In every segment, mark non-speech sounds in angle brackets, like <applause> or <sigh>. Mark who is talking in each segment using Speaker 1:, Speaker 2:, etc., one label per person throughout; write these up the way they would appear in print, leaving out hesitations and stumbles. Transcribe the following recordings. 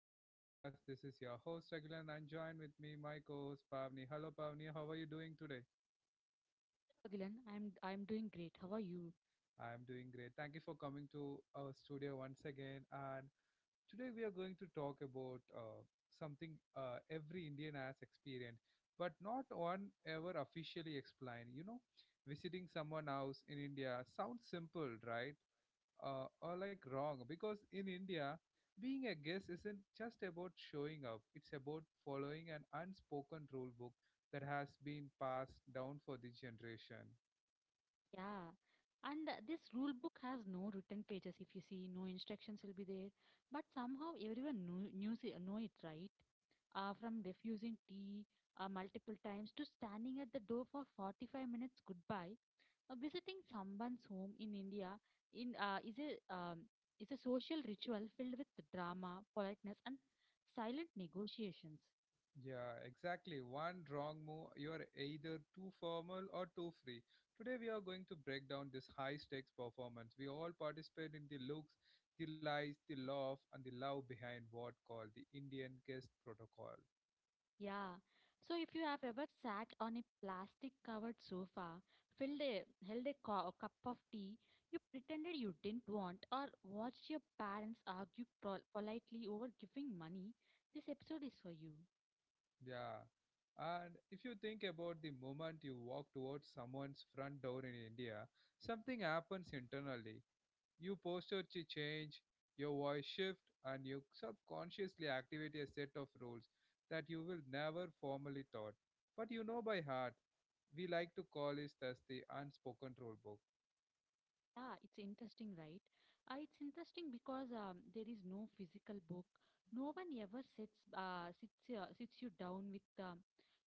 Speaker 1: of my podcast. This is your host Agilan and join with me my co-host Pavni. Hello Pavni, how are you doing today?
Speaker 2: Gilan. I'm doing great. How are you?
Speaker 1: I am doing great. Thank you for coming to our studio once again. And today we are going to talk about something every Indian has experienced, but not one ever officially explained. You know, visiting someone else in India sounds simple, right? Or like wrong because in India, being a guest isn't just about showing up, it's about following an unspoken rule book that has been passed down for the generation.
Speaker 2: Yeah. And this rule book has no written pages. If you see, no instructions will be there. But somehow everyone know it, right? From refusing tea multiple times to standing at the door for 45 minutes goodbye, visiting someone's home in India in is a social ritual filled with drama, politeness, and silent negotiations.
Speaker 1: Yeah, exactly. One wrong move, you are either too formal or too free. Today, we are going to break down this high stakes performance. We all participate in the looks, the lies, the love, and the love behind what called the Indian guest protocol.
Speaker 2: Yeah. So if you have ever sat on a plastic covered sofa, filled a, held a, co- a cup of tea you pretended you didn't want, or watched your parents argue politely over giving money, this episode is for you.
Speaker 1: Yeah. And if you think about the moment you walk towards someone's front door in India, something happens internally. Your posture to change, your voice shift, and you subconsciously activate a set of rules that you will never formally thought. But you know by heart. We like to call it as the unspoken rule book.
Speaker 2: Yeah, it's interesting, right? It's interesting because there is no physical book. No one ever sits you down with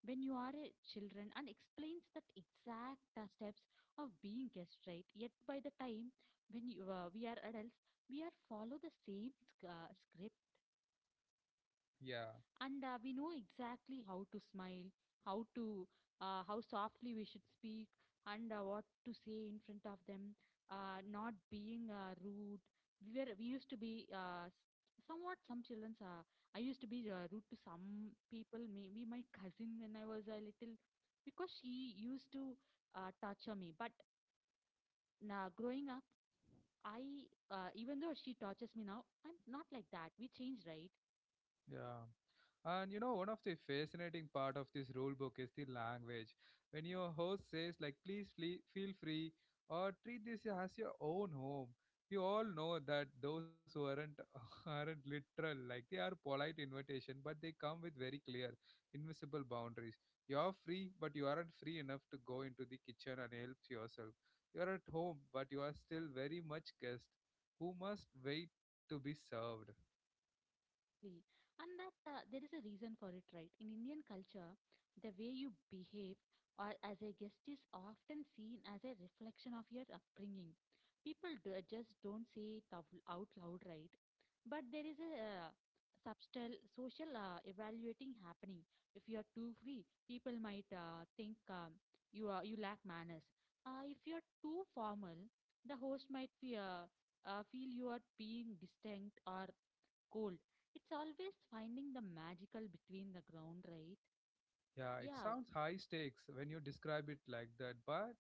Speaker 2: when you are a children and explains that exact steps of being guest, right? Yet by the time when you we are adults, we are follow the same script,
Speaker 1: Yeah.
Speaker 2: and we know exactly how to smile, how to, how softly we should speak, and what to say in front of them, not being rude. We used to be somewhat some children's, I used to be rude to some people, maybe my cousin, when I was a little, because she used to torture me. But now, growing up, I, even though she tortures me now, I'm not like that. We changed, right?
Speaker 1: Yeah. And you know, one of the fascinating part of this rule book is the language. When your host says like, "Please flee, feel free," or "Treat this as your own home," we all know that those who aren't <laughs> aren't literal. Like they are polite invitation, but they come with very clear, invisible boundaries. You are free, but you aren't free enough to go into the kitchen and help yourself. You are at home, but you are still very much guest who must wait to be served.
Speaker 2: Exactly. And that there is a reason for it, right? In Indian culture, the way you behave or as a guest is often seen as a reflection of your upbringing. People do, just don't say it out loud, right? But there is a subtle social evaluating happening. If you are too free, people might think, you are, you lack manners. If you are too formal, the host might feel you are being distant or cold. It's always finding the magical between the ground, right?
Speaker 1: Yeah, it
Speaker 2: Yeah.
Speaker 1: sounds high stakes when you describe it like that, but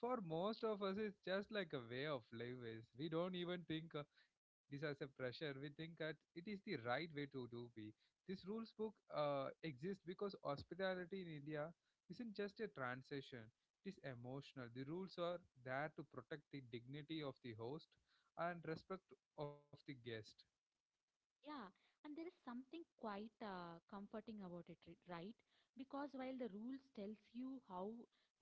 Speaker 1: for most of us, it's just like a way of life is. We don't even think this as a pressure. We think that it is the right way to do be. This rules book exists because hospitality in India isn't just a transaction. It is emotional. The rules are there to protect the dignity of the host and respect of the guest.
Speaker 2: Yeah, and there is something quite comforting about it, right? Because while the rules tells you how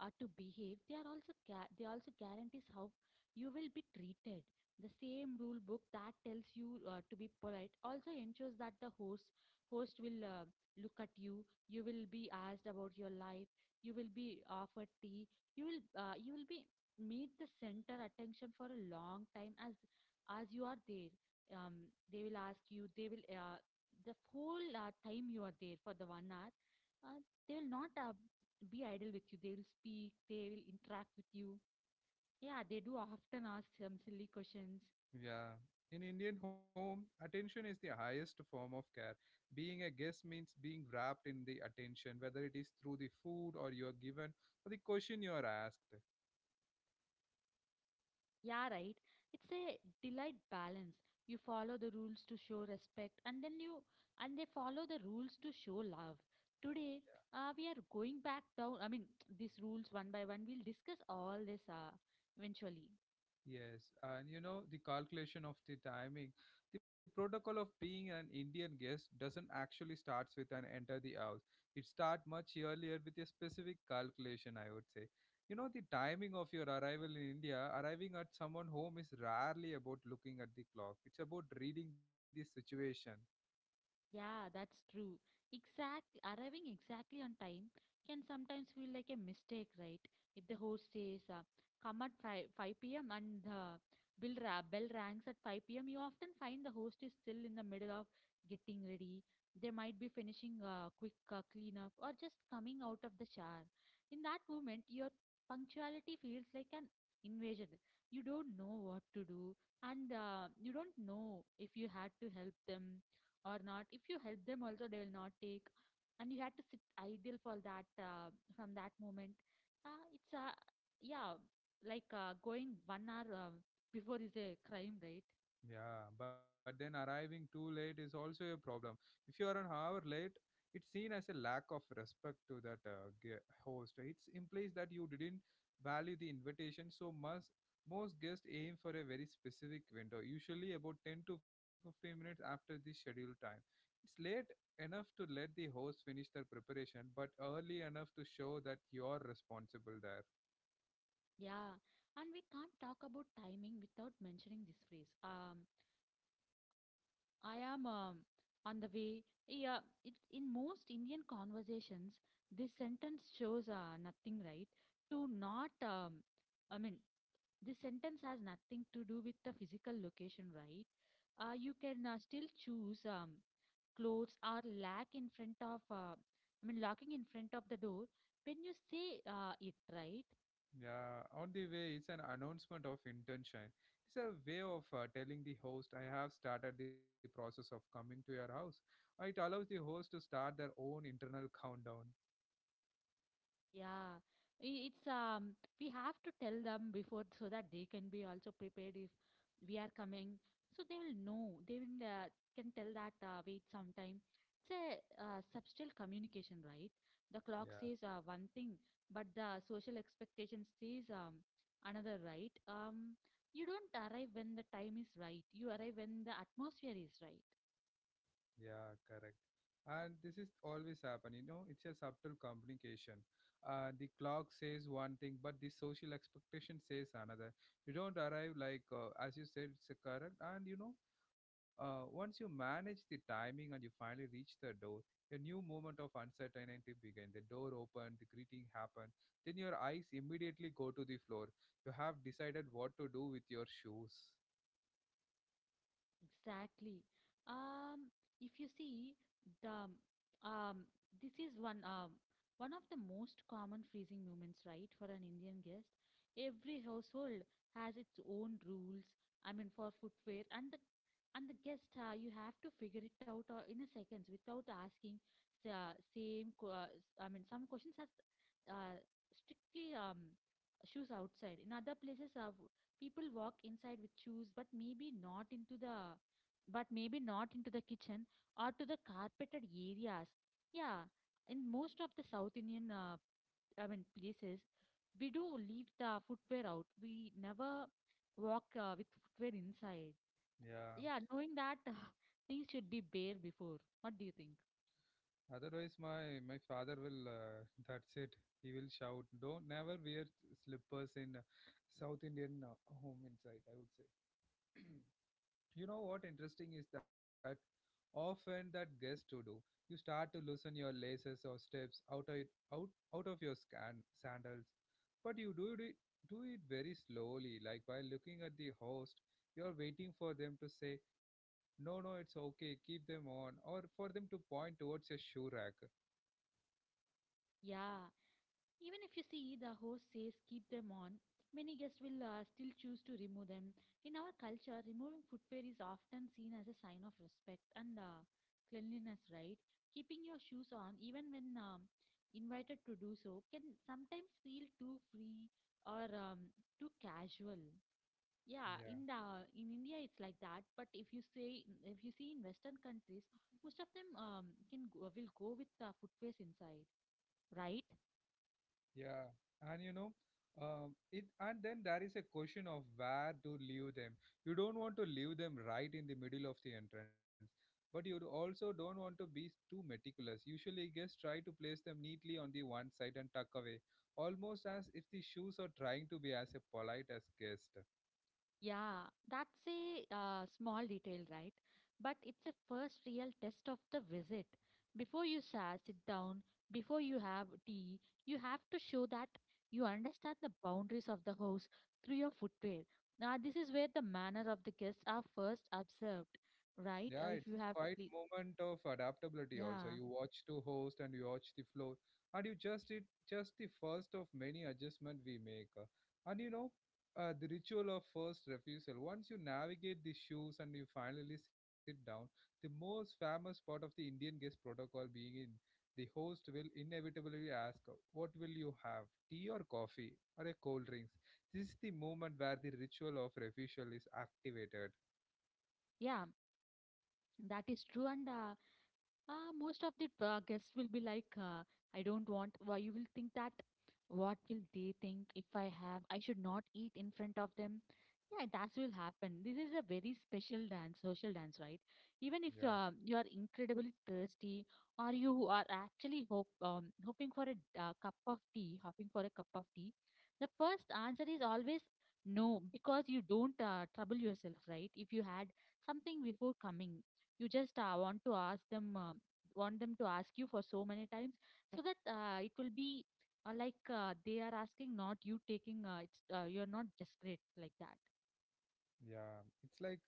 Speaker 2: to behave, they are also they also guarantees how you will be treated. The same rule book that tells you to be polite also ensures that the host will, look at you. You will be asked about your life. You will be offered tea. You will be meet the center attention for a long time as you are there. They will ask you, they will, the whole time you are there for the 1 hour, uh, they will not be idle with you, they will speak, they will interact with you. Yeah, they do often ask some silly questions.
Speaker 1: Yeah. In Indian home, attention is the highest form of care. Being a guest means being wrapped in the attention, whether it is through the food or you are given or the question you are asked.
Speaker 2: Yeah, right. It's a delight balance. You follow the rules to show respect, and then you, and they follow the rules to show love. Today, we are going back down, I mean, <tsk> these rules one by one we'll discuss all this, eventually.
Speaker 1: Yes, and you know, the calculation of the timing, the protocol of being an Indian guest doesn't actually starts with an enter the house. It start much earlier with a specific calculation, I would say. You know, the timing of your arrival in India, arriving at someone home is rarely about looking at the clock. It's about reading the situation.
Speaker 2: Yeah, that's true. Exact Arriving exactly on time can sometimes feel like a mistake, right? If the host says, "Come at 5, 5 p.m." and the bell rings at 5 p.m., you often find the host is still in the middle of getting ready. They might be finishing a quick cleanup or just coming out of the shower. In that moment, your punctuality feels like an invasion. You don't know what to do, and you don't know if you had to help them or not. If you help them also, they will not take. And you had to sit idle for that, from that moment it's yeah like going 1 hour before is a crime, right?
Speaker 1: Yeah, but then arriving too late is also a problem. If you are an hour late, it's seen as a lack of respect to that host. It implies that you didn't value the invitation, so must most guests aim for a very specific window, usually about 10 to 15 minutes after the scheduled time. It's late enough to let the host finish their preparation, but early enough to show that you're responsible there.
Speaker 2: Yeah, and we can't talk about timing without mentioning this phrase, "I am, on the way." Yeah it, in most Indian conversations, this sentence shows nothing, right? to not I mean This sentence has nothing to do with the physical location, right? You can still choose, clothes or lack in front of, I mean, locking in front of the door when you say it, right?
Speaker 1: Yeah, on the way, it's an announcement of intention. It's a way of telling the host, I have started the process of coming to your house. It allows the host to start their own internal countdown.
Speaker 2: Yeah, it's, we have to tell them before so that they can be also prepared if we are coming. So they will know. They will, can tell that, wait sometime. It's a subtle communication, right? The
Speaker 1: Yeah,
Speaker 2: clock says one thing, but the social expectation says, another, right? You don't arrive when the time is right. You arrive when the atmosphere is right.
Speaker 1: yeah, correct. And this is always happen, you know, it's a subtle communication. The clock says one thing but the social expectation says another. You don't arrive like as you said, it's a correct. And you know, once you manage the timing and you finally reach the door, a new moment of uncertainty begins. The door opened, the greeting happened. Then your eyes immediately go to the floor. You have decided what to do with your shoes.
Speaker 2: Exactly. Um, if you see the um, this is one of the most common freezing moments, right, for an Indian guest. Every household has its own rules. I mean, for footwear and the, and the guest, you have to figure it out in a seconds without asking the same. I mean, some questions are uh, strictly, shoes outside. In other places, people walk inside with shoes, but maybe not into the but maybe not into the kitchen or to the carpeted areas. Yeah, in most of the South Indian I mean places, we do leave the footwear out. We never walk with footwear inside.
Speaker 1: Yeah.
Speaker 2: Yeah, knowing that <laughs> things should be bare before. What do you think?
Speaker 1: Otherwise, my father will. <laughs> That's it. He will shout, "Don't never wear slippers in South Indian home inside." I would say. <clears throat> You know what interesting is that often that guest to do, you start to loosen your laces or steps out of it, out out of your scan, sandals, but you do it very slowly, like while looking at the host. You are waiting for them to say, "No, no, it's okay. Keep them on," or for them to point towards a shoe rack.
Speaker 2: Yeah. Even if you see the host says keep them on, many guests will still choose to remove them. In our culture, removing footwear is often seen as a sign of respect and cleanliness, right? Keeping your shoes on, even when invited to do so, can sometimes feel too free or too casual. Yeah,
Speaker 1: Yeah,
Speaker 2: in the in India it's like that, but if you say if you see in Western countries, most of them will go with the footwears inside, right?
Speaker 1: yeah, and you know, it and then there is a question of where to leave them. You don't want to leave them right in the middle of the entrance, but you also don't want to be too meticulous. Usually, guests try to place them neatly on the one side and tuck away, almost as if the shoes are trying to be as a polite as guest.
Speaker 2: Yeah, that's a small detail, right? But it's a first real test of the visit. Before you sa sit down, before you have tea, you have to show that you understand the boundaries of the house through your footwear. Now, this is where the manner of the guests are first observed,
Speaker 1: Yeah,
Speaker 2: right?
Speaker 1: it's
Speaker 2: If you
Speaker 1: quite
Speaker 2: have to,
Speaker 1: moment of adaptability also. You
Speaker 2: yeah.
Speaker 1: watch to host and you watch the floor, and you just it just the first of many adjustment we make. And you know, the ritual of first refusal. Once you navigate the shoes and you finally sit down, the most famous part of the Indian guest protocol being in, the host will inevitably ask, "What will you have? Tea or coffee or a cold drinks?" This is the moment where the ritual of refusal is activated.
Speaker 2: Yeah, that is true. And Most of the guests will be like, I don't want, why you will think that, what will they think if I have, I should not eat in front of them. Yeah, that will happen. This is a very special dance, social dance, right?
Speaker 1: Yeah.
Speaker 2: Even if you are incredibly thirsty, or you are actually hoping for a hoping for a cup of tea, the first answer is always no, because you don't trouble yourself, right? If you had something before coming, you just want to ask them, want them to ask you for so many times, so that it will be, like, they are asking, not you taking, it's you're not desperate like that.
Speaker 1: Yeah, it's like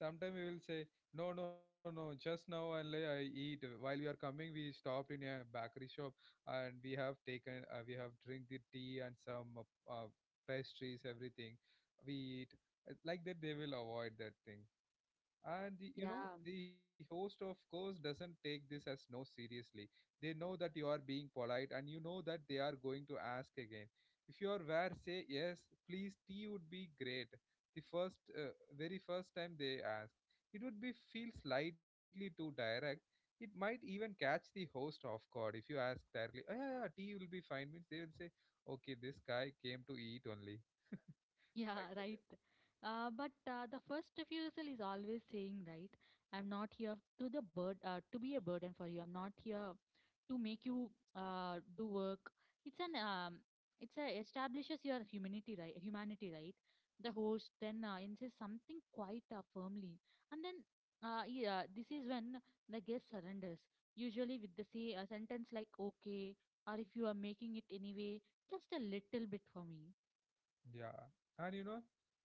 Speaker 1: sometimes we will say, no, no, no, just now and like I eat. While we are coming, we stopped in a bakery shop and we have taken, we have drink the tea and some pastries, everything. We eat. Like that, they will avoid that thing. And the, you know,
Speaker 2: Yeah.
Speaker 1: the host of course doesn't take this as no seriously. They know that you are being polite and you know that they are going to ask again. If you are where say yes, please tea would be great the first very first time they ask, it would be feel slightly too direct. It might even catch the host off guard. If you ask directly, oh, yeah, yeah tea will be fine, means they will say okay this guy came to eat only,
Speaker 2: Yeah,
Speaker 1: like that.
Speaker 2: right. But The first refusal is always saying, right, I'm not here to the bird to be a burden for you. I'm not here to make you do work. It's an um, it's a establishes your humanity, right? Humanity, right? The host then insists something quite firmly, and then, yeah, this is when the guest surrenders. Usually with the say a sentence like "okay" or "if you are making it anyway, just a little bit for me."
Speaker 1: Yeah, and you know,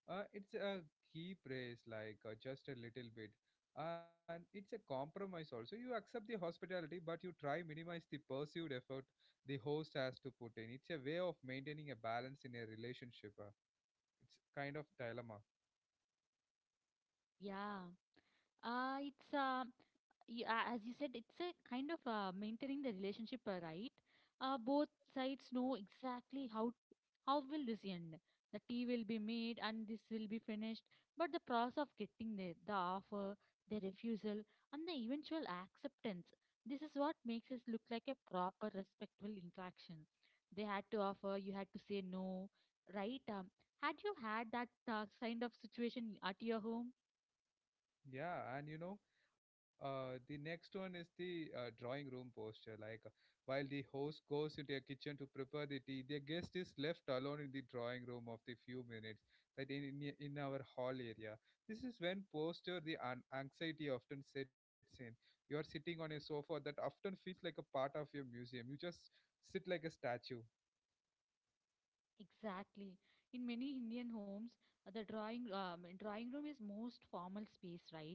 Speaker 1: it's a key praise, like just a little bit, and it's a compromise also. You accept the hospitality, but you try minimize the perceived effort the host has to put in. It's a way of maintaining a balance in a relationship. It's kind of dilemma.
Speaker 2: Yeah. Uh, it's uh, as you said, it's a kind of maintaining the relationship, right? Both sides know exactly how will this end. The tea will be made and this will be finished, but the process of getting there, the offer, the refusal, and the eventual acceptance, this is what makes us look like a proper, respectful interaction. They had to offer, you had to say no, right? Had you had that kind of situation at your home?
Speaker 1: Yeah, and you know, the next one is the drawing room posture. Like, while the host goes into a kitchen to prepare the tea, the guest is left alone in the drawing room of the few minutes, that in our hall area. This is when anxiety often sets in. You are sitting on a sofa that often feels like a part of your museum. You just sit like a statue.
Speaker 2: Exactly. In many Indian homes, the drawing drawing room is most formal space, right?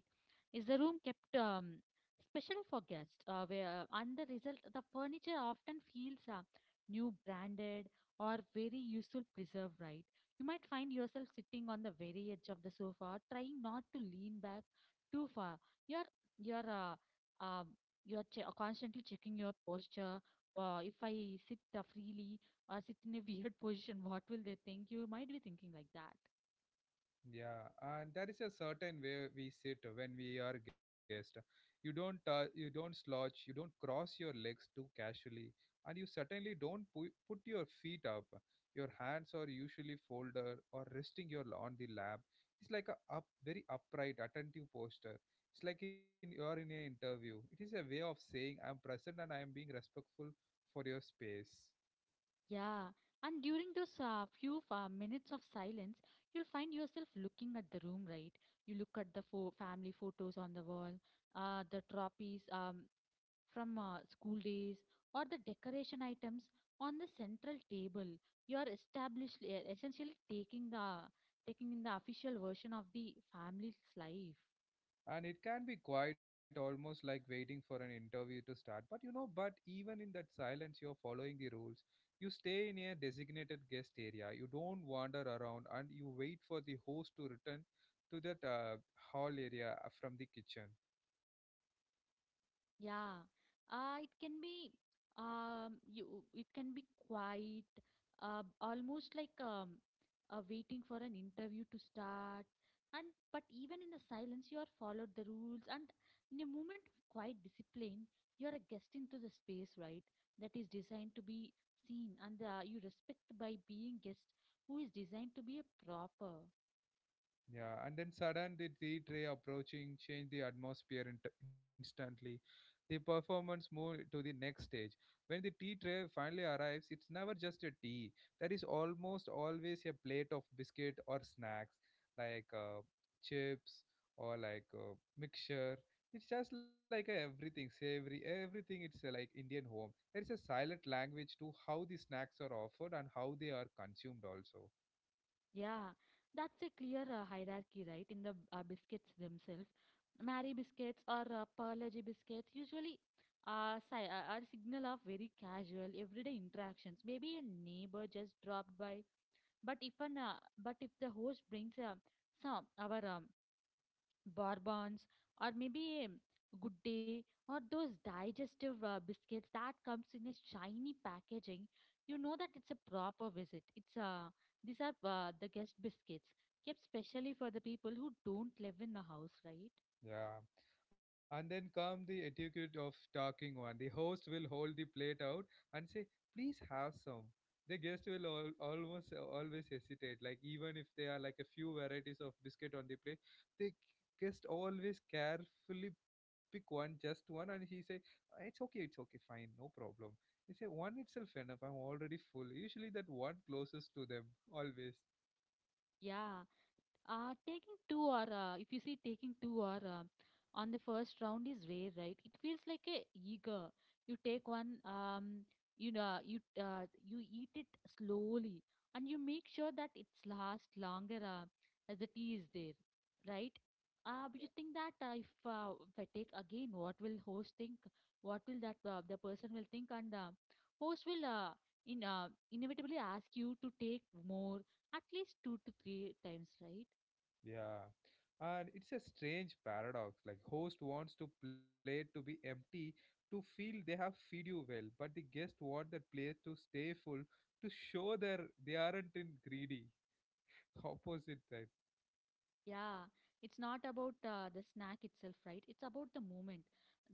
Speaker 2: Is the room kept, especially for guests? Where And the result, the furniture often feels new, branded, or very useful preserved, right? You might find yourself sitting on the very edge of the sofa, trying not to lean back too far. You're you're uh, um, you're constantly checking your posture. If I sit freely or sit in a weird <laughs> position, what will they think? You might be thinking like that.
Speaker 1: Yeah, and there is a certain way we sit when we are guest. You don't slouch, you don't cross your legs too casually, and you certainly don't put your feet up. Your hands are usually folded or resting your on the lap. It's like a up very upright, attentive posture. It's like in you're in an interview. It is a way of saying I'm present and I am being respectful for your space.
Speaker 2: Yeah, and during those few minutes of silence, you'll find yourself looking at the room, right? You look at the family photos on the wall, the trophies from school days, or the decoration items on the central table. You are established, essentially taking in the official version of the family's life.
Speaker 1: And it can be quiet almost like waiting for an interview to start, but you know, but even in that silence you're following the rules. You stay in a designated guest area, you don't wander around, and you wait for the host to return to that hall area from the kitchen.
Speaker 2: Yeah, it can be you it can be quiet, almost like waiting for an interview to start. And but even in the silence, you are followed the rules, and in a moment of quiet discipline, you are a guest into the space, right? That is designed to be seen, and you respect by being guest who is designed to be a proper.
Speaker 1: Yeah, and then sudden the tea tray approaching changed the atmosphere instantly. The performance moved to the next stage. When the tea tray finally arrives, it's never just a tea. There is almost always a plate of biscuit or snacks, like chips or like mixture. It's just like a everything savory. Everything it's like Indian home. There is a silent language to how the snacks are offered and how they are consumed also.
Speaker 2: Yeah, that's a clear hierarchy, right? In the biscuits themselves, Mary biscuits or Perlogy biscuits usually are signal of very casual, everyday interactions. Maybe a neighbor just dropped by, but if an but if the host brings some our bonbons or maybe good day or those digestive biscuits that comes in a shiny packaging, you know that it's a proper visit. It's, these are the guest biscuits, kept specially for the people who don't live in the house, right?
Speaker 1: Yeah. And then come the etiquette of talking one. The host will hold the plate out and say, please have some. The guest will almost always hesitate. Like, even if there are like a few varieties of biscuit on the plate, the guest always carefully pick one, just one, and he say, it's okay, fine, no problem. He say, one itself enough, I'm already full. Usually that one closest to them, always.
Speaker 2: Yeah. Taking two or if you see taking two or on the first round is rare, right? It feels like a eager. You take one, you know, you you eat it slowly, and you make sure that it's last longer as the tea is there, right? But you think that if I take again, what will host think? What will that the person will think? And host will in inevitably ask you to take more, at least two to three times, right?
Speaker 1: Yeah. And it's a strange paradox. Like host wants to plate to be empty to feel they have feed you well, but the guest want that plate to stay full to show their they aren't in greedy. <laughs> Opposite that.
Speaker 2: Yeah, it's not about the snack itself, right? It's about the moment,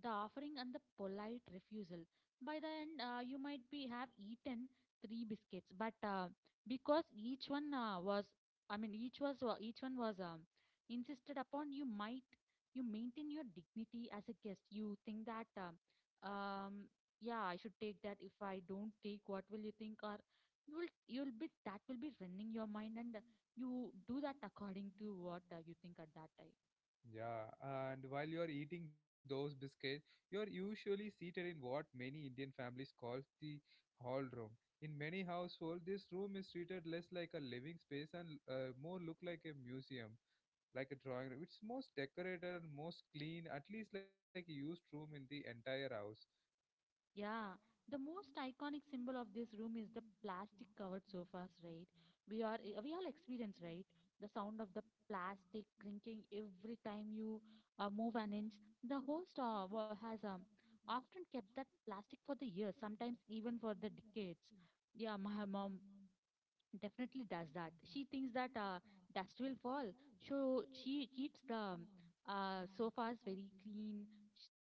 Speaker 2: the offering, and the polite refusal. By the end, you might be have eaten three biscuits, but because each one I mean, each one was insisted upon, you maintain your dignity as a guest. You think that, um, yeah, I should take that. If I don't take, what will you think? Or you'll be that will be running your mind, and you do that according to what you think at that time.
Speaker 1: Yeah. And while you're eating those biscuits, you're usually seated in what many Indian families call the hall room. In many households, this room is treated less like a living space and more look like a museum like a drawing room. It's most decorated and most clean, at least like a used room in the entire house.
Speaker 2: Yeah, the most iconic symbol of this room is the plastic covered sofas, right? We all experience, right? The sound of the plastic clinking every time you move an inch. The host has often kept that plastic for the years, sometimes even for the decades. Yeah, my mom definitely does that. She thinks that dust will fall, so she keeps the sofas very clean.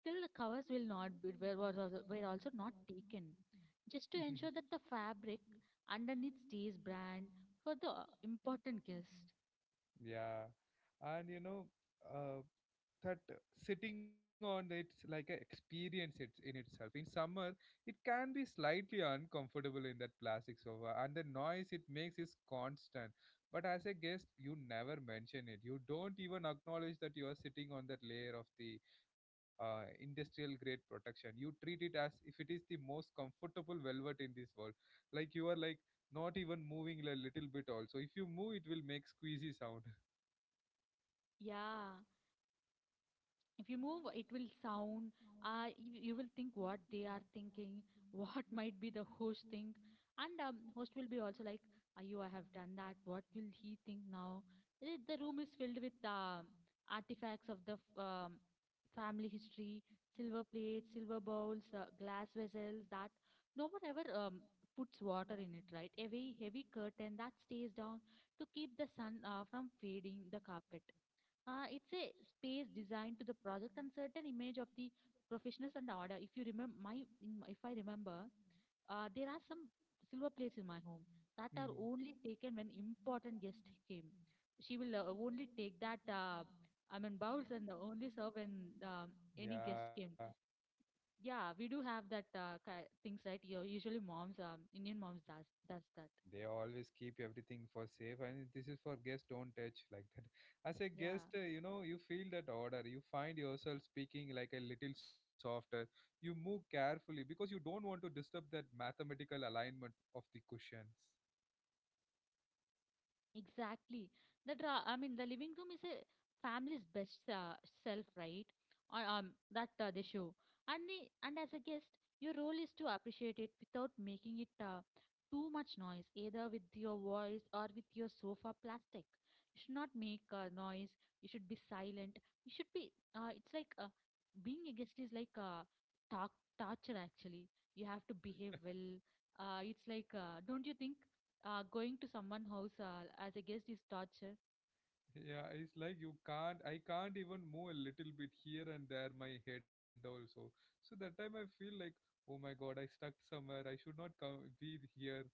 Speaker 2: Still, the covers will not be were also not taken, just to ensure that
Speaker 1: <laughs>
Speaker 2: the fabric underneath stays brand for the important guest.
Speaker 1: Yeah, and uh, that sitting on it's like an experience it, in itself. In summer, it can be slightly uncomfortable in that plastic sofa, and the noise it makes is constant. But as a guest, you never mention it. You don't even acknowledge that you are sitting on that layer of the industrial grade protection. You treat it as if it is the most comfortable velvet in this world. Like you are like not even moving a little bit also. If you move, it will make squeezy sound.
Speaker 2: Yeah. If you move, it will sound. You will think what they are thinking, <laughs> what might be the host think, and host will be also like, ayo I have done that, what will he think now? Eh, the room is filled with artifacts of the family history, silver plates, silver bowls, glass vessels that no one ever puts water in it, right? A very heavy curtain that stays down to keep the sun from fading the carpet. Uh, it's a space designed to the project and certain image of the professionals and order. If you remember my, if I remember, there are some silver plates in my home that
Speaker 1: <laughs> Mhm.
Speaker 2: are only taken when important guest came. She will only take that. I mean bowls, and only serve when any guest
Speaker 1: Yeah,
Speaker 2: came. Yeah, we do have that things, right? You usually moms, Indian moms does that.
Speaker 1: they always keep everything for safe, and this is for guest don't touch like that. As a guest,
Speaker 2: Yeah.
Speaker 1: you feel that order. You find yourself speaking like a little softer. You move carefully because you don't want to disturb that mathematical alignment of the cushions.
Speaker 2: Exactly. That ra I mean, the living room is a family's best self, right? Or, that they show, and as a guest, your role is to appreciate it without making it too much noise, either with your voice or with your sofa plastic. You should not make noise. You should be silent. You should be. It's like being a guest is like talk torture actually. You have to behave well. It's like, don't you think? Going to someone's house as a guest is torture.
Speaker 1: Yeah, it's like you can't, I can't even move a little bit here and there, my head also. So that time I feel like, oh my God, I stuck somewhere. I should not come be here.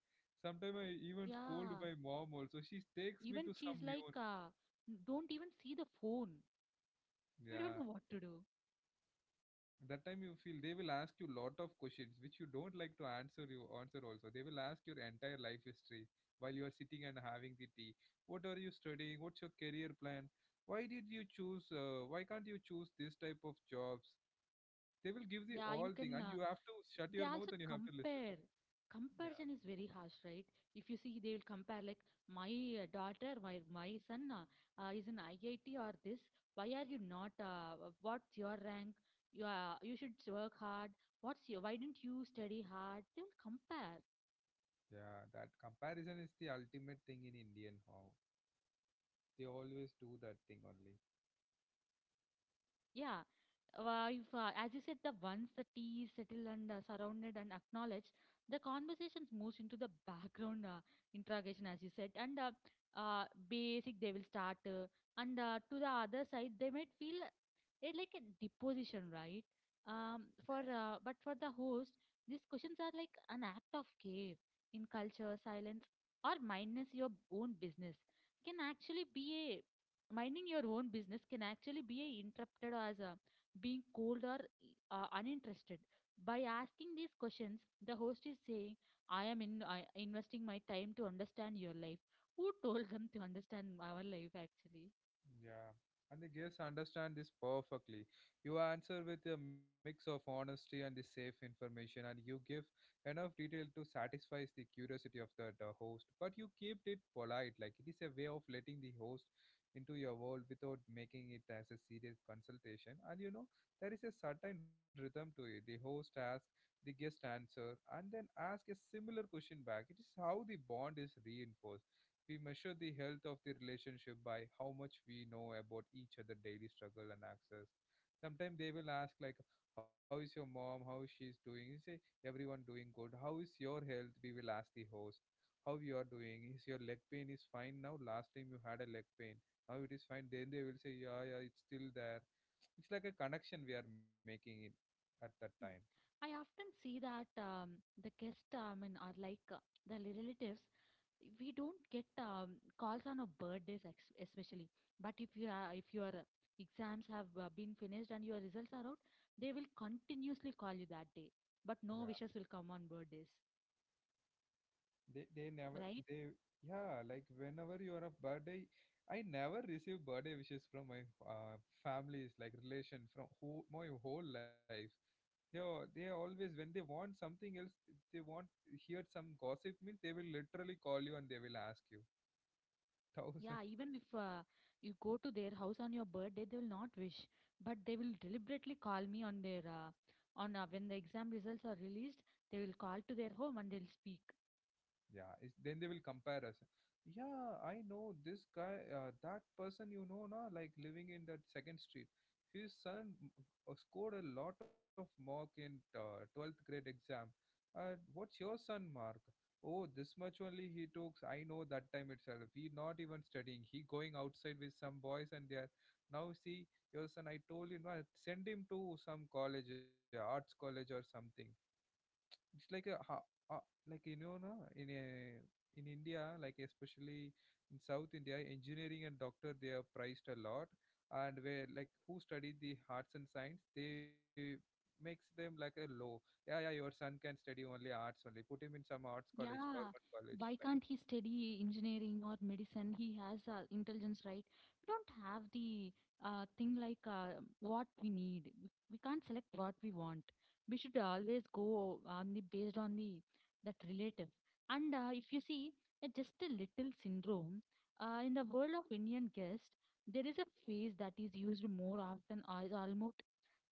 Speaker 1: Sometimes I even scold
Speaker 2: Yeah,
Speaker 1: my mom also. She takes
Speaker 2: even
Speaker 1: me to
Speaker 2: she's
Speaker 1: some
Speaker 2: like,
Speaker 1: new one.
Speaker 2: don't even see the phone. You don't know what
Speaker 1: Yeah.
Speaker 2: to do.
Speaker 1: That time you feel they will ask you lot of questions which you don't like to answer you answer also. They will ask your entire life history while you are sitting and having the tea. What are you studying? What's your career plan? Why did you choose why can't you choose this type of jobs? They will give the all
Speaker 2: Yeah,
Speaker 1: thing
Speaker 2: you
Speaker 1: and you
Speaker 2: can.
Speaker 1: have to shut your
Speaker 2: They
Speaker 1: mouth and you
Speaker 2: also
Speaker 1: have to listen.
Speaker 2: compare.
Speaker 1: Yeah.
Speaker 2: Comparison is very harsh, right? If you see, they will compare like my daughter, my son is in IIT or this. Why are you not? What's your rank? You are, you should work hard. What's your? Why didn't you study hard? They will compare.
Speaker 1: Yeah, that comparison is the ultimate thing in Indian how they always do that thing only.
Speaker 2: Yeah, if, as you said, the once the tea is settled and surrounded and acknowledged, the conversations moves into the background interrogation, as you said, and basic they will start, and to the other side they might feel it's like a deposition, right? For But for the host, these questions are like an act of care in culture, silence, or mindness your own business can actually be a minding your own business can actually be a interrupted as a being cold or uninterested. By asking these questions, the host is saying, I am in I, investing my time to understand your life. Who told them to understand our life actually?
Speaker 1: Yeah, and the guests understand this perfectly. You answer with a mix of honesty and the safe information, and you give enough detail to satisfy the curiosity of the host. But you keep it polite, like it is a way of letting the host into your world without making it as a serious consultation. And you know, there is a certain rhythm to it. The host asks, the guest answer, and then ask a similar question back. It is how the bond is reinforced. We measure the health of the relationship by how much we know about each other daily struggle and access. Sometimes they will ask like, "How is your mom? How is she's doing?" You say, "Everyone doing good. How is your health?" We will ask the host, "How you are doing? Is your leg pain is fine now? Last time you had a leg pain. Now it is fine." Then they will say, "Yeah, yeah, it's still there." It's like a connection we are making it at that time.
Speaker 2: Mm. I often see that the guests, I mean, are like the relatives. We don't get calls on our birthdays, especially. But if you are, if your exams have been finished and your results are out, they will continuously call you that day. But
Speaker 1: Yeah.
Speaker 2: no wishes will come on birthdays,
Speaker 1: They they never
Speaker 2: right?
Speaker 1: they yeah, like whenever you are a birthday, I never receive birthday wishes from my families like relation from who my whole life. They are always when they want something else. If they want hear some gossip means they will literally call you and they will ask you <laughs> thousand.
Speaker 2: Yeah, even if you go to their house on your birthday, they will not wish, but they will deliberately call me on their on when the exam results are released. They will call to their home and they'll speak.
Speaker 1: Yeah, it's, then they will compare us. Yeah, I know this guy, that person you know, na, like living in that second street. His son scored a lot of mark in 12th grade exam. What's your son mark? Oh, this much only he took. I know that time itself. He not even studying. He going outside with some boys and they are now see your son. I told him, "Ah, send him to some college, arts college or something. It's like a ha, uh, like you know na, in a in India, like especially in South India, engineering and doctor they are prized a lot, and where like who study the arts and science they makes them like a low. Yeah, yeah, your son can study only arts only. Put him in some arts college,
Speaker 2: Yeah,
Speaker 1: government college,
Speaker 2: why
Speaker 1: like."
Speaker 2: can't he study engineering or medicine? He has intelligence, right? We don't have the thing like what we need. We can't select what we want. We should always go on the based on the that relative. And if you see just a little syndrome in the world of Indian guest, there is a phrase that is used more often as almost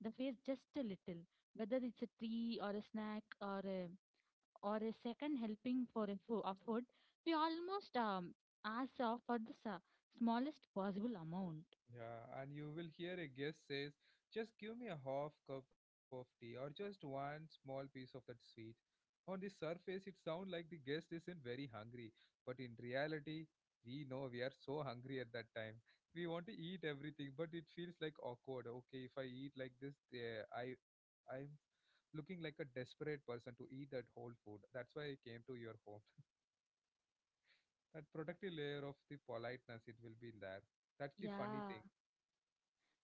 Speaker 2: the phrase just a little, whether it's a tree or a snack or a second helping for of food, we almost ask for the smallest possible amount.
Speaker 1: Yeah, and you will hear a guest says, "Just give me a half cup of tea or just one small piece of that sweet." On the surface, it sounds like the guest isn't very hungry, but in reality, we know we are so hungry at that time. We want to eat everything, but it feels like awkward. Okay, if I eat like this, I I'm looking like a desperate person to eat that whole food. That's why I came to your home. That protective layer of the politeness, it will be there. That's the funny
Speaker 2: Yeah,
Speaker 1: thing.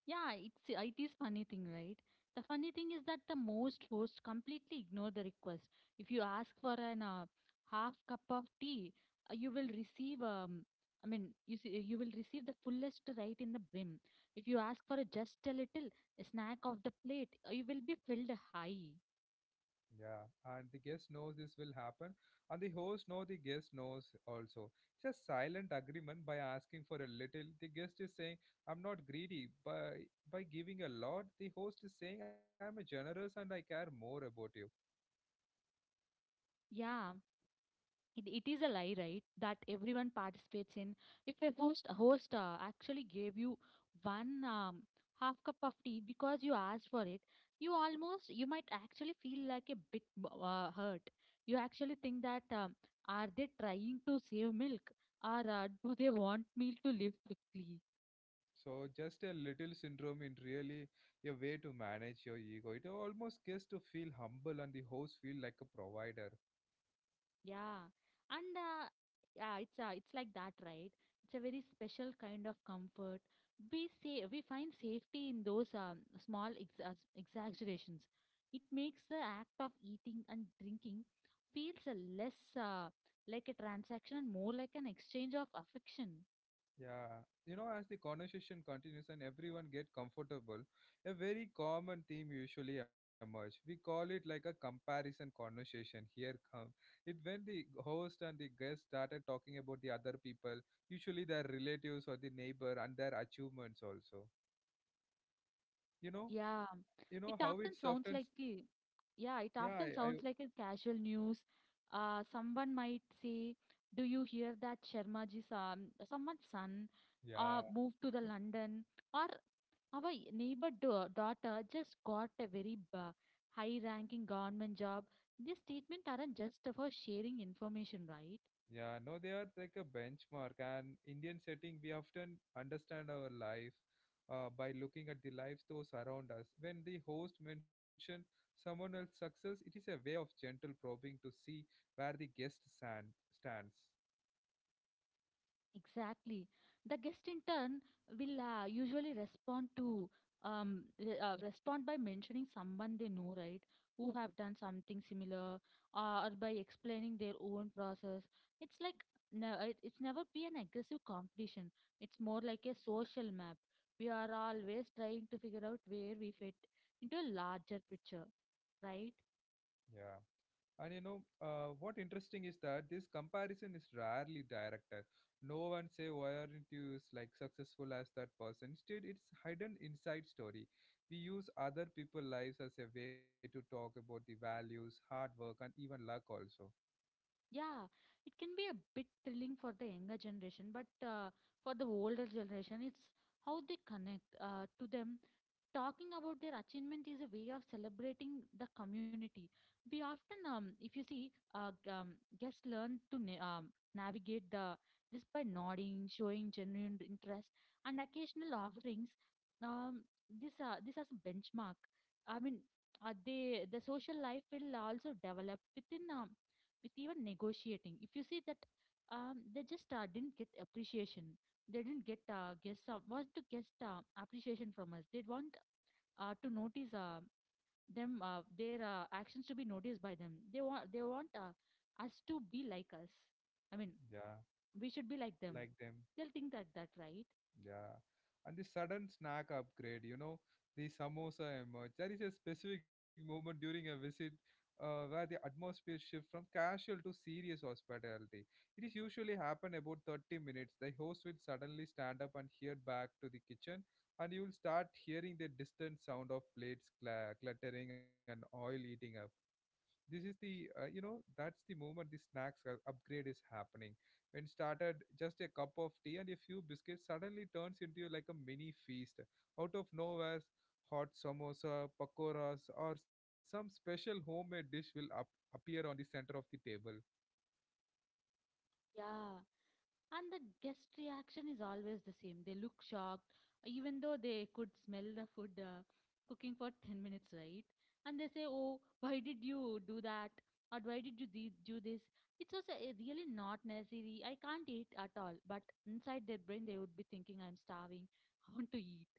Speaker 2: yeah, it's it is funny thing, right? The funny thing is that the most hosts completely ignore the request. If you ask for an half cup of tea, you will receive I mean, you see, you will receive the fullest right in the brim. If you ask for a just a little a snack of the plate, you will be filled high.
Speaker 1: Yeah, and the guest knows this will happen, and the host know the guest knows also. It's a silent agreement by asking for a little. The guest is saying, "I'm not greedy." By giving a lot, the host is saying, "I'm a generous and I care more about you."
Speaker 2: Yeah, it is a lie right that everyone participates in. If a host actually gave you one half cup of tea because you asked for it, you might actually feel like a bit hurt. You actually think that are they trying to save milk or do they want me to live quickly?
Speaker 1: So just a little syndrome in really a way to manage your ego. It almost gets to feel humble, and the host feel like a provider.
Speaker 2: Yeah, and yeah, it's like that, right? It's a very special kind of comfort. We say we find safety in those small exaggerations. It makes the act of eating and drinking feels a less like a transaction and more like an exchange of affection.
Speaker 1: Yeah, you know, as the conversation continues and everyone get comfortable, a very common theme usually emerge. We call it like a comparison conversation. Here come it when the host and the guest started talking about the other people, usually their relatives or the neighbor and their achievements also. You know,
Speaker 2: Yeah,
Speaker 1: you
Speaker 2: it
Speaker 1: know how
Speaker 2: often
Speaker 1: it
Speaker 2: sounds
Speaker 1: softens.
Speaker 2: like a, yeah,
Speaker 1: Yeah,
Speaker 2: it
Speaker 1: I
Speaker 2: often sounds like a casual news. Someone might say, "Do you hear that Sharmaji's someone's son
Speaker 1: Yeah.
Speaker 2: moved to the London?" Or our neighbor daughter just got a high-ranking government job. These statements aren't just for sharing information, right?
Speaker 1: Yeah, no, they are like a benchmark. And Indian setting, we often understand our life by looking at the lives those around us. When the host mentioned someone else's success, it is a way of gentle probing to see where stands.
Speaker 2: Exactly. The guest in turn will usually respond to respond by mentioning someone they know, right, who have done something similar, or by explaining their own process. It's like no, it's never be an aggressive competition. It's more like a social map. We are always trying to figure out where we fit into a larger picture, right?
Speaker 1: Yeah. And you know, what interesting is that this comparison is rarely directed. No one say why aren't you like successful as that person. Instead, it's hidden inside story. We use other people's lives as a way to talk about the values, hard work, and even luck also.
Speaker 2: Yeah, it can be a bit thrilling for the younger generation, but for the older generation, it's how they connect to them. Talking about their achievement is a way of celebrating the community. We often, if you see, guests learn to navigate the this by nodding, showing genuine interest, and occasional offerings. Um, this as a benchmark. I mean, the social life will also develop with even negotiating. If you see that, they just didn't get appreciation. They didn't get guest want to guest appreciation from us. They want to notice them, their actions to be noticed by them. They want us to be like us. I mean,
Speaker 1: Yeah,
Speaker 2: we should be like them.
Speaker 1: like them.
Speaker 2: They'll think like that, right?
Speaker 1: Yeah. And the sudden snack upgrade, you know, the samosa emerge. There is a specific moment during a visit where the atmosphere shifts from casual to serious hospitality. It is usually happen about 30 minutes. The host will suddenly stand up and head back to the kitchen and you will start hearing the distant sound of plates cluttering and oil eating up. This is the you know that's the moment the snacks upgrade is happening. When started just a cup of tea and a few biscuits suddenly turns into like a mini feast out of nowhere, hot samosa, pakoras or some special homemade dish will appear on the center of the table.
Speaker 2: Yeah. And the guest reaction is always the same. They look shocked, even though they could smell the food cooking for 10 minutes, right? And they say, "Oh, why did you do that? Or why did do this? It was really not necessary. I can't eat at all." But inside their brain, they would be thinking, "I'm starving. I want to eat."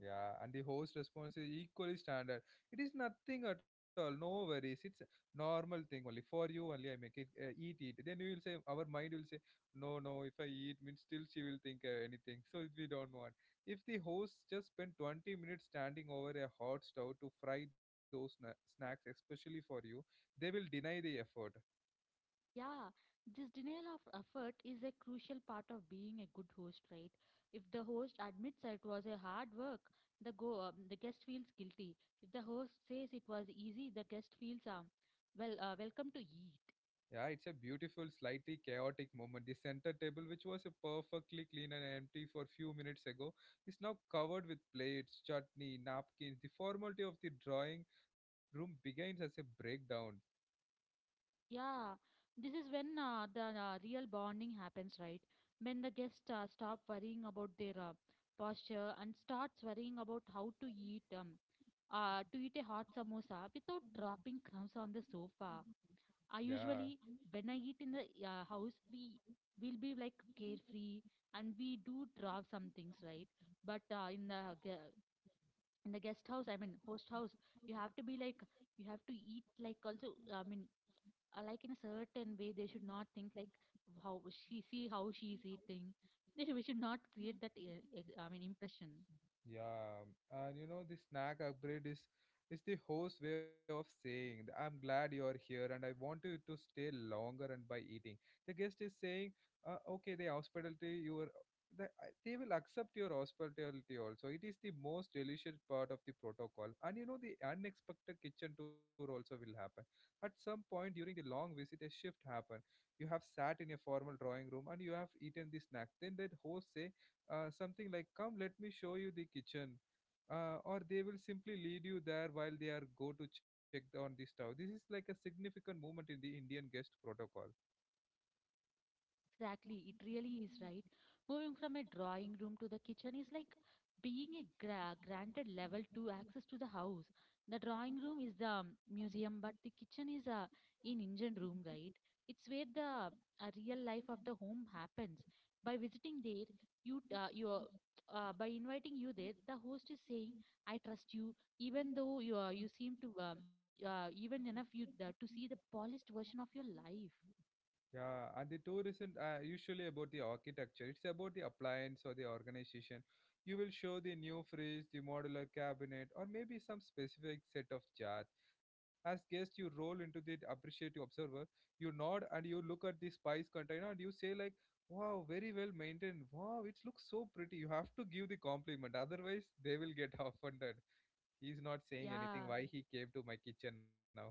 Speaker 1: Yeah, and the host response is equally standard. It is nothing at all. No worries. It's a normal thing only. For you only, I make it. Eat, eat. Then you will say, our mind will say, no, no. If I eat, means still she will think anything. So we don't want. If the host just spent 20 minutes standing over a hot stove to fry those snacks, especially for you, they will deny the effort.
Speaker 2: Yeah, this denial of effort is a crucial part of being a good host, right? If the host admits it was a hard work, the guest feels guilty. If the host says it was easy, the guest feels welcome to eat.
Speaker 1: Yeah, it's a beautiful, slightly chaotic moment. The center table, which was a perfectly clean and empty for few minutes ago, is now covered with plates, chutney, napkins. The formality of the drawing room begins as a breakdown.
Speaker 2: Yeah, this is when the real bonding happens, right? When the guests stop worrying about their posture and starts worrying about how to eat a hot samosa without dropping crumbs on the sofa. I
Speaker 1: Yeah.
Speaker 2: usually, when I eat in the house, we will be like carefree and we do drop some things, right? But in the in the guest house, I mean host house, you have to be like, you have to eat like also. Like in a certain way, they should not think like how she see how she is eating. <laughs> We should not create that I mean impression.
Speaker 1: Yeah, and you know the snack upgrade is the host way of saying that I'm glad you are here and I want you to stay longer and by eating. The guest is saying, okay, the hospitality your the, uh, they will accept your hospitality also. It is the most delicious part of the protocol, and you know the unexpected kitchen tour also will happen. At some point during the long visit, a shift happen. You have sat in a formal drawing room and you have eaten the snack. Then that host say something like, come, let me show you the kitchen. Or they will simply lead you there while they are go to check on the stove. This is like a significant moment in the Indian guest protocol.
Speaker 2: Exactly, it really is, right. Moving from a drawing room to the kitchen is like being a granted level 2 access to the house. The drawing room is the museum, but the kitchen is a in engine room, right? It's where the real life of the home happens. By visiting there, you t- you are- by inviting you there, the host is saying, "I trust you," even though you seem to even enough you to see the polished version of your life.
Speaker 1: Yeah, and the tour isn't usually about the architecture. It's about the appliance or the organization. You will show the new fridge, the modular cabinet, or maybe some specific set of jars. As guest, you roll into the appreciative observer. You nod and you look at the spice container and you say like, "Wow, very well maintained. Wow, it looks so pretty." You have to give the compliment, otherwise they will get <laughs> offended. He's not saying anything.
Speaker 2: Yeah.
Speaker 1: Why he came to my kitchen now? <laughs>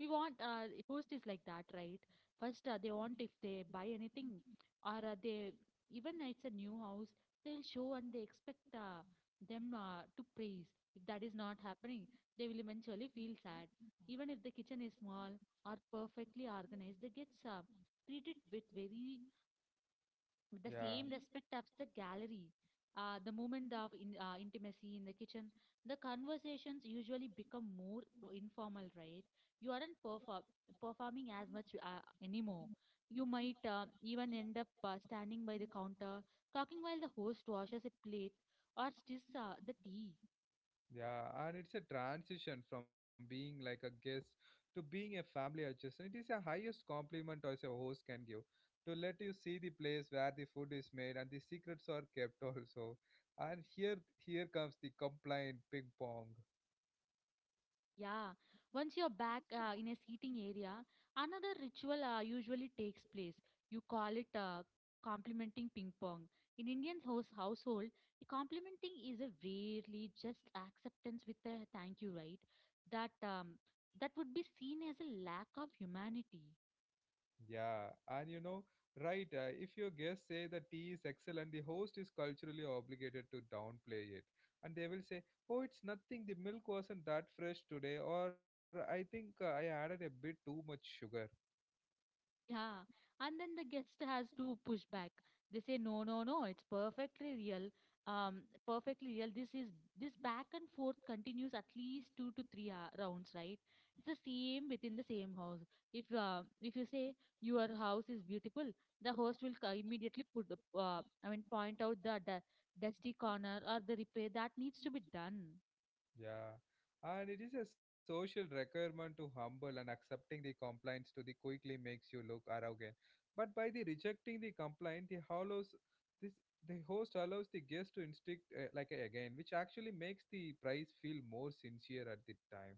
Speaker 2: We want, host is like that, right? First, they want if they buy anything, or they, even it's a new house, they'll show and they expect them to praise. If that is not happening, they will eventually feel sad. Even if the kitchen is small or perfectly organized, they gets treated with very, with the
Speaker 1: Yeah.
Speaker 2: same respect as the gallery. The moment of intimacy in the kitchen, the conversations usually become more informal, right? You aren't performing as much anymore. You might even end up standing by the counter, talking while the host washes a plate or stirs the tea.
Speaker 1: Yeah, and it's a transition from being like a guest to being a family adjacent. It is the highest compliment as a host can give to let you see the place where the food is made and the secrets are kept <laughs> also. And here, here comes the complaint ping pong.
Speaker 2: Yeah, once you're back in a seating area, another ritual usually takes place. You call it complimenting ping pong. In Indian house household, complimenting is a rarely just acceptance with a thank you, right? That um, that would be seen as a lack of humanity.
Speaker 1: Yeah, and you know, right? If your guests say the tea is excellent, the host is culturally obligated to downplay it, and they will say, "Oh, it's nothing. The milk wasn't that fresh today," or "I think I added a bit too much sugar."
Speaker 2: Yeah, and then the guest has to push back. They say, "No, no, no, it's perfectly real. Um, Perfectly real." This is, this back and forth continues at least two to three rounds, right? It's the same within the same house. If you say your house is beautiful, the host will immediately put the, I mean, point out the dusty corner or the repair that needs to be done.
Speaker 1: Yeah, and it is a social requirement to humble and accepting the complaints to the quickly makes you look arrogant. But by the rejecting the complaint, the hollows this the host allows the guest to instinct again, which actually makes the prize feel more sincere at the time.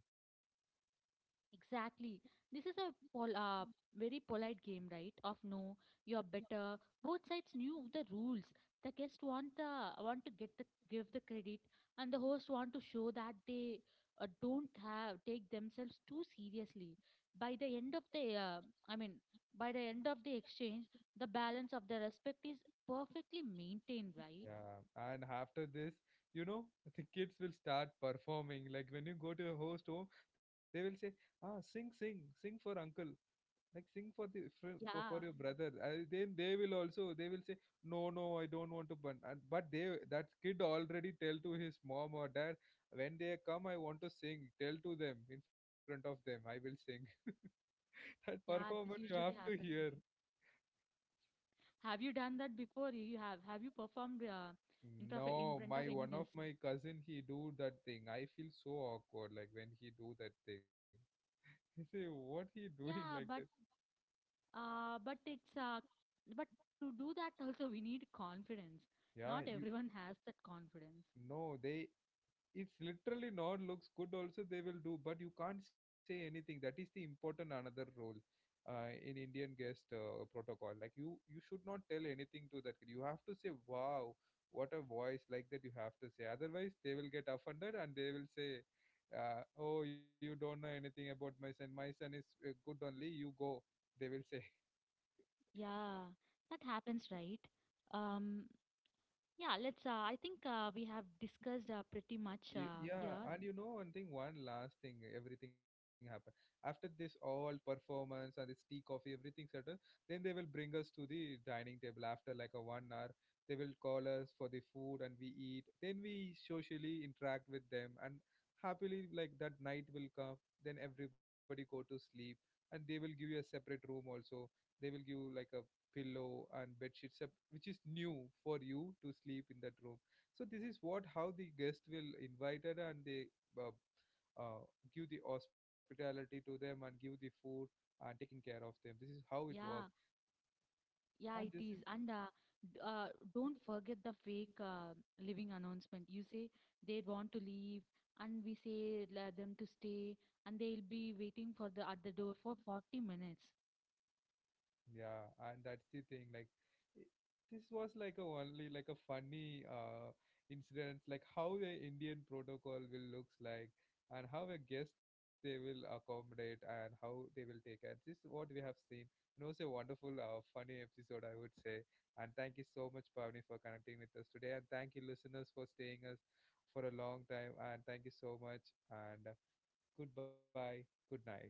Speaker 2: Exactly. This is a very polite game, right? Of, "No, you're better." Both sides knew the rules. The guests want the want to get the give the credit, and the host want to show that they don't have take themselves too seriously. By the end of the, uh, I mean, by the end of the exchange, the balance of the respect is perfectly maintained, right?
Speaker 1: Yeah, and after this, you know, the kids will start performing. Like when you go to a host home, they will say, "Ah, sing, sing, sing for uncle," like sing for the for, for
Speaker 2: Yeah,
Speaker 1: for your brother. I, then they will also they will say, "No, no, I don't want to burn." And, but they, that kid already tell to his mom or dad, when they come I want to sing, tell to them, in front of them I will sing. <laughs> That
Speaker 2: yeah.
Speaker 1: performance
Speaker 2: This
Speaker 1: you have
Speaker 2: usually
Speaker 1: to
Speaker 2: happens.
Speaker 1: hear.
Speaker 2: Have you done that before? You have you performed in front of in
Speaker 1: No,
Speaker 2: front of
Speaker 1: my
Speaker 2: any
Speaker 1: one of
Speaker 2: guest?
Speaker 1: my cousin, he do that thing. I feel so awkward like when he do that thing. <laughs> He say what he doing like
Speaker 2: Yeah,
Speaker 1: that.
Speaker 2: but it's but to do that also we need confidence.
Speaker 1: Yeah,
Speaker 2: Not
Speaker 1: you.
Speaker 2: everyone has that confidence.
Speaker 1: No, they, it's literally not looks good also, they will do, but you can't say anything. That is the important another role, in Indian guest protocol. Like you should not tell anything to that kid. You have to say, "Wow, what a voice," like that you have to say, otherwise they will get offended and they will say, "Oh, you don't know anything about my son. My son is good only, you go," they will say.
Speaker 2: Yeah, that happens, right? Um, yeah, let's I think we have discussed pretty much
Speaker 1: Yeah,
Speaker 2: here.
Speaker 1: and you know one thing, one last thing, everything happened. After this all performance and this tea, coffee, everything settled, then they will bring us to the dining table after like a 1 hour. They will call us for the food and we eat. Then we socially interact with them and happily like that night will come. Then everybody go to sleep and they will give you a separate room also. They will give you like a pillow and bed sheets, sep- which is new for you to sleep in that room. So this is what how the guest will invited and they uh, uh, give the hospitality to them and give the food and taking care of them. This is how it works,
Speaker 2: Yeah. Yeah,
Speaker 1: and
Speaker 2: it
Speaker 1: this is.
Speaker 2: is. D- uh, don't forget the fake living announcement. You say they want to leave, and we say let them to stay, and they'll be waiting for the at the door for 40 minutes.
Speaker 1: Yeah, and that's the thing. I- this was like a only like a funny incident, like how a Indian protocol will looks like, and how a guest they will accommodate, and how they will take care. This is what we have seen, and also a wonderful, funny episode, I would say. And thank you so much, Pavni, for connecting with us today, and thank you, listeners, for staying us for a long time. And thank you so much, and goodbye, good night.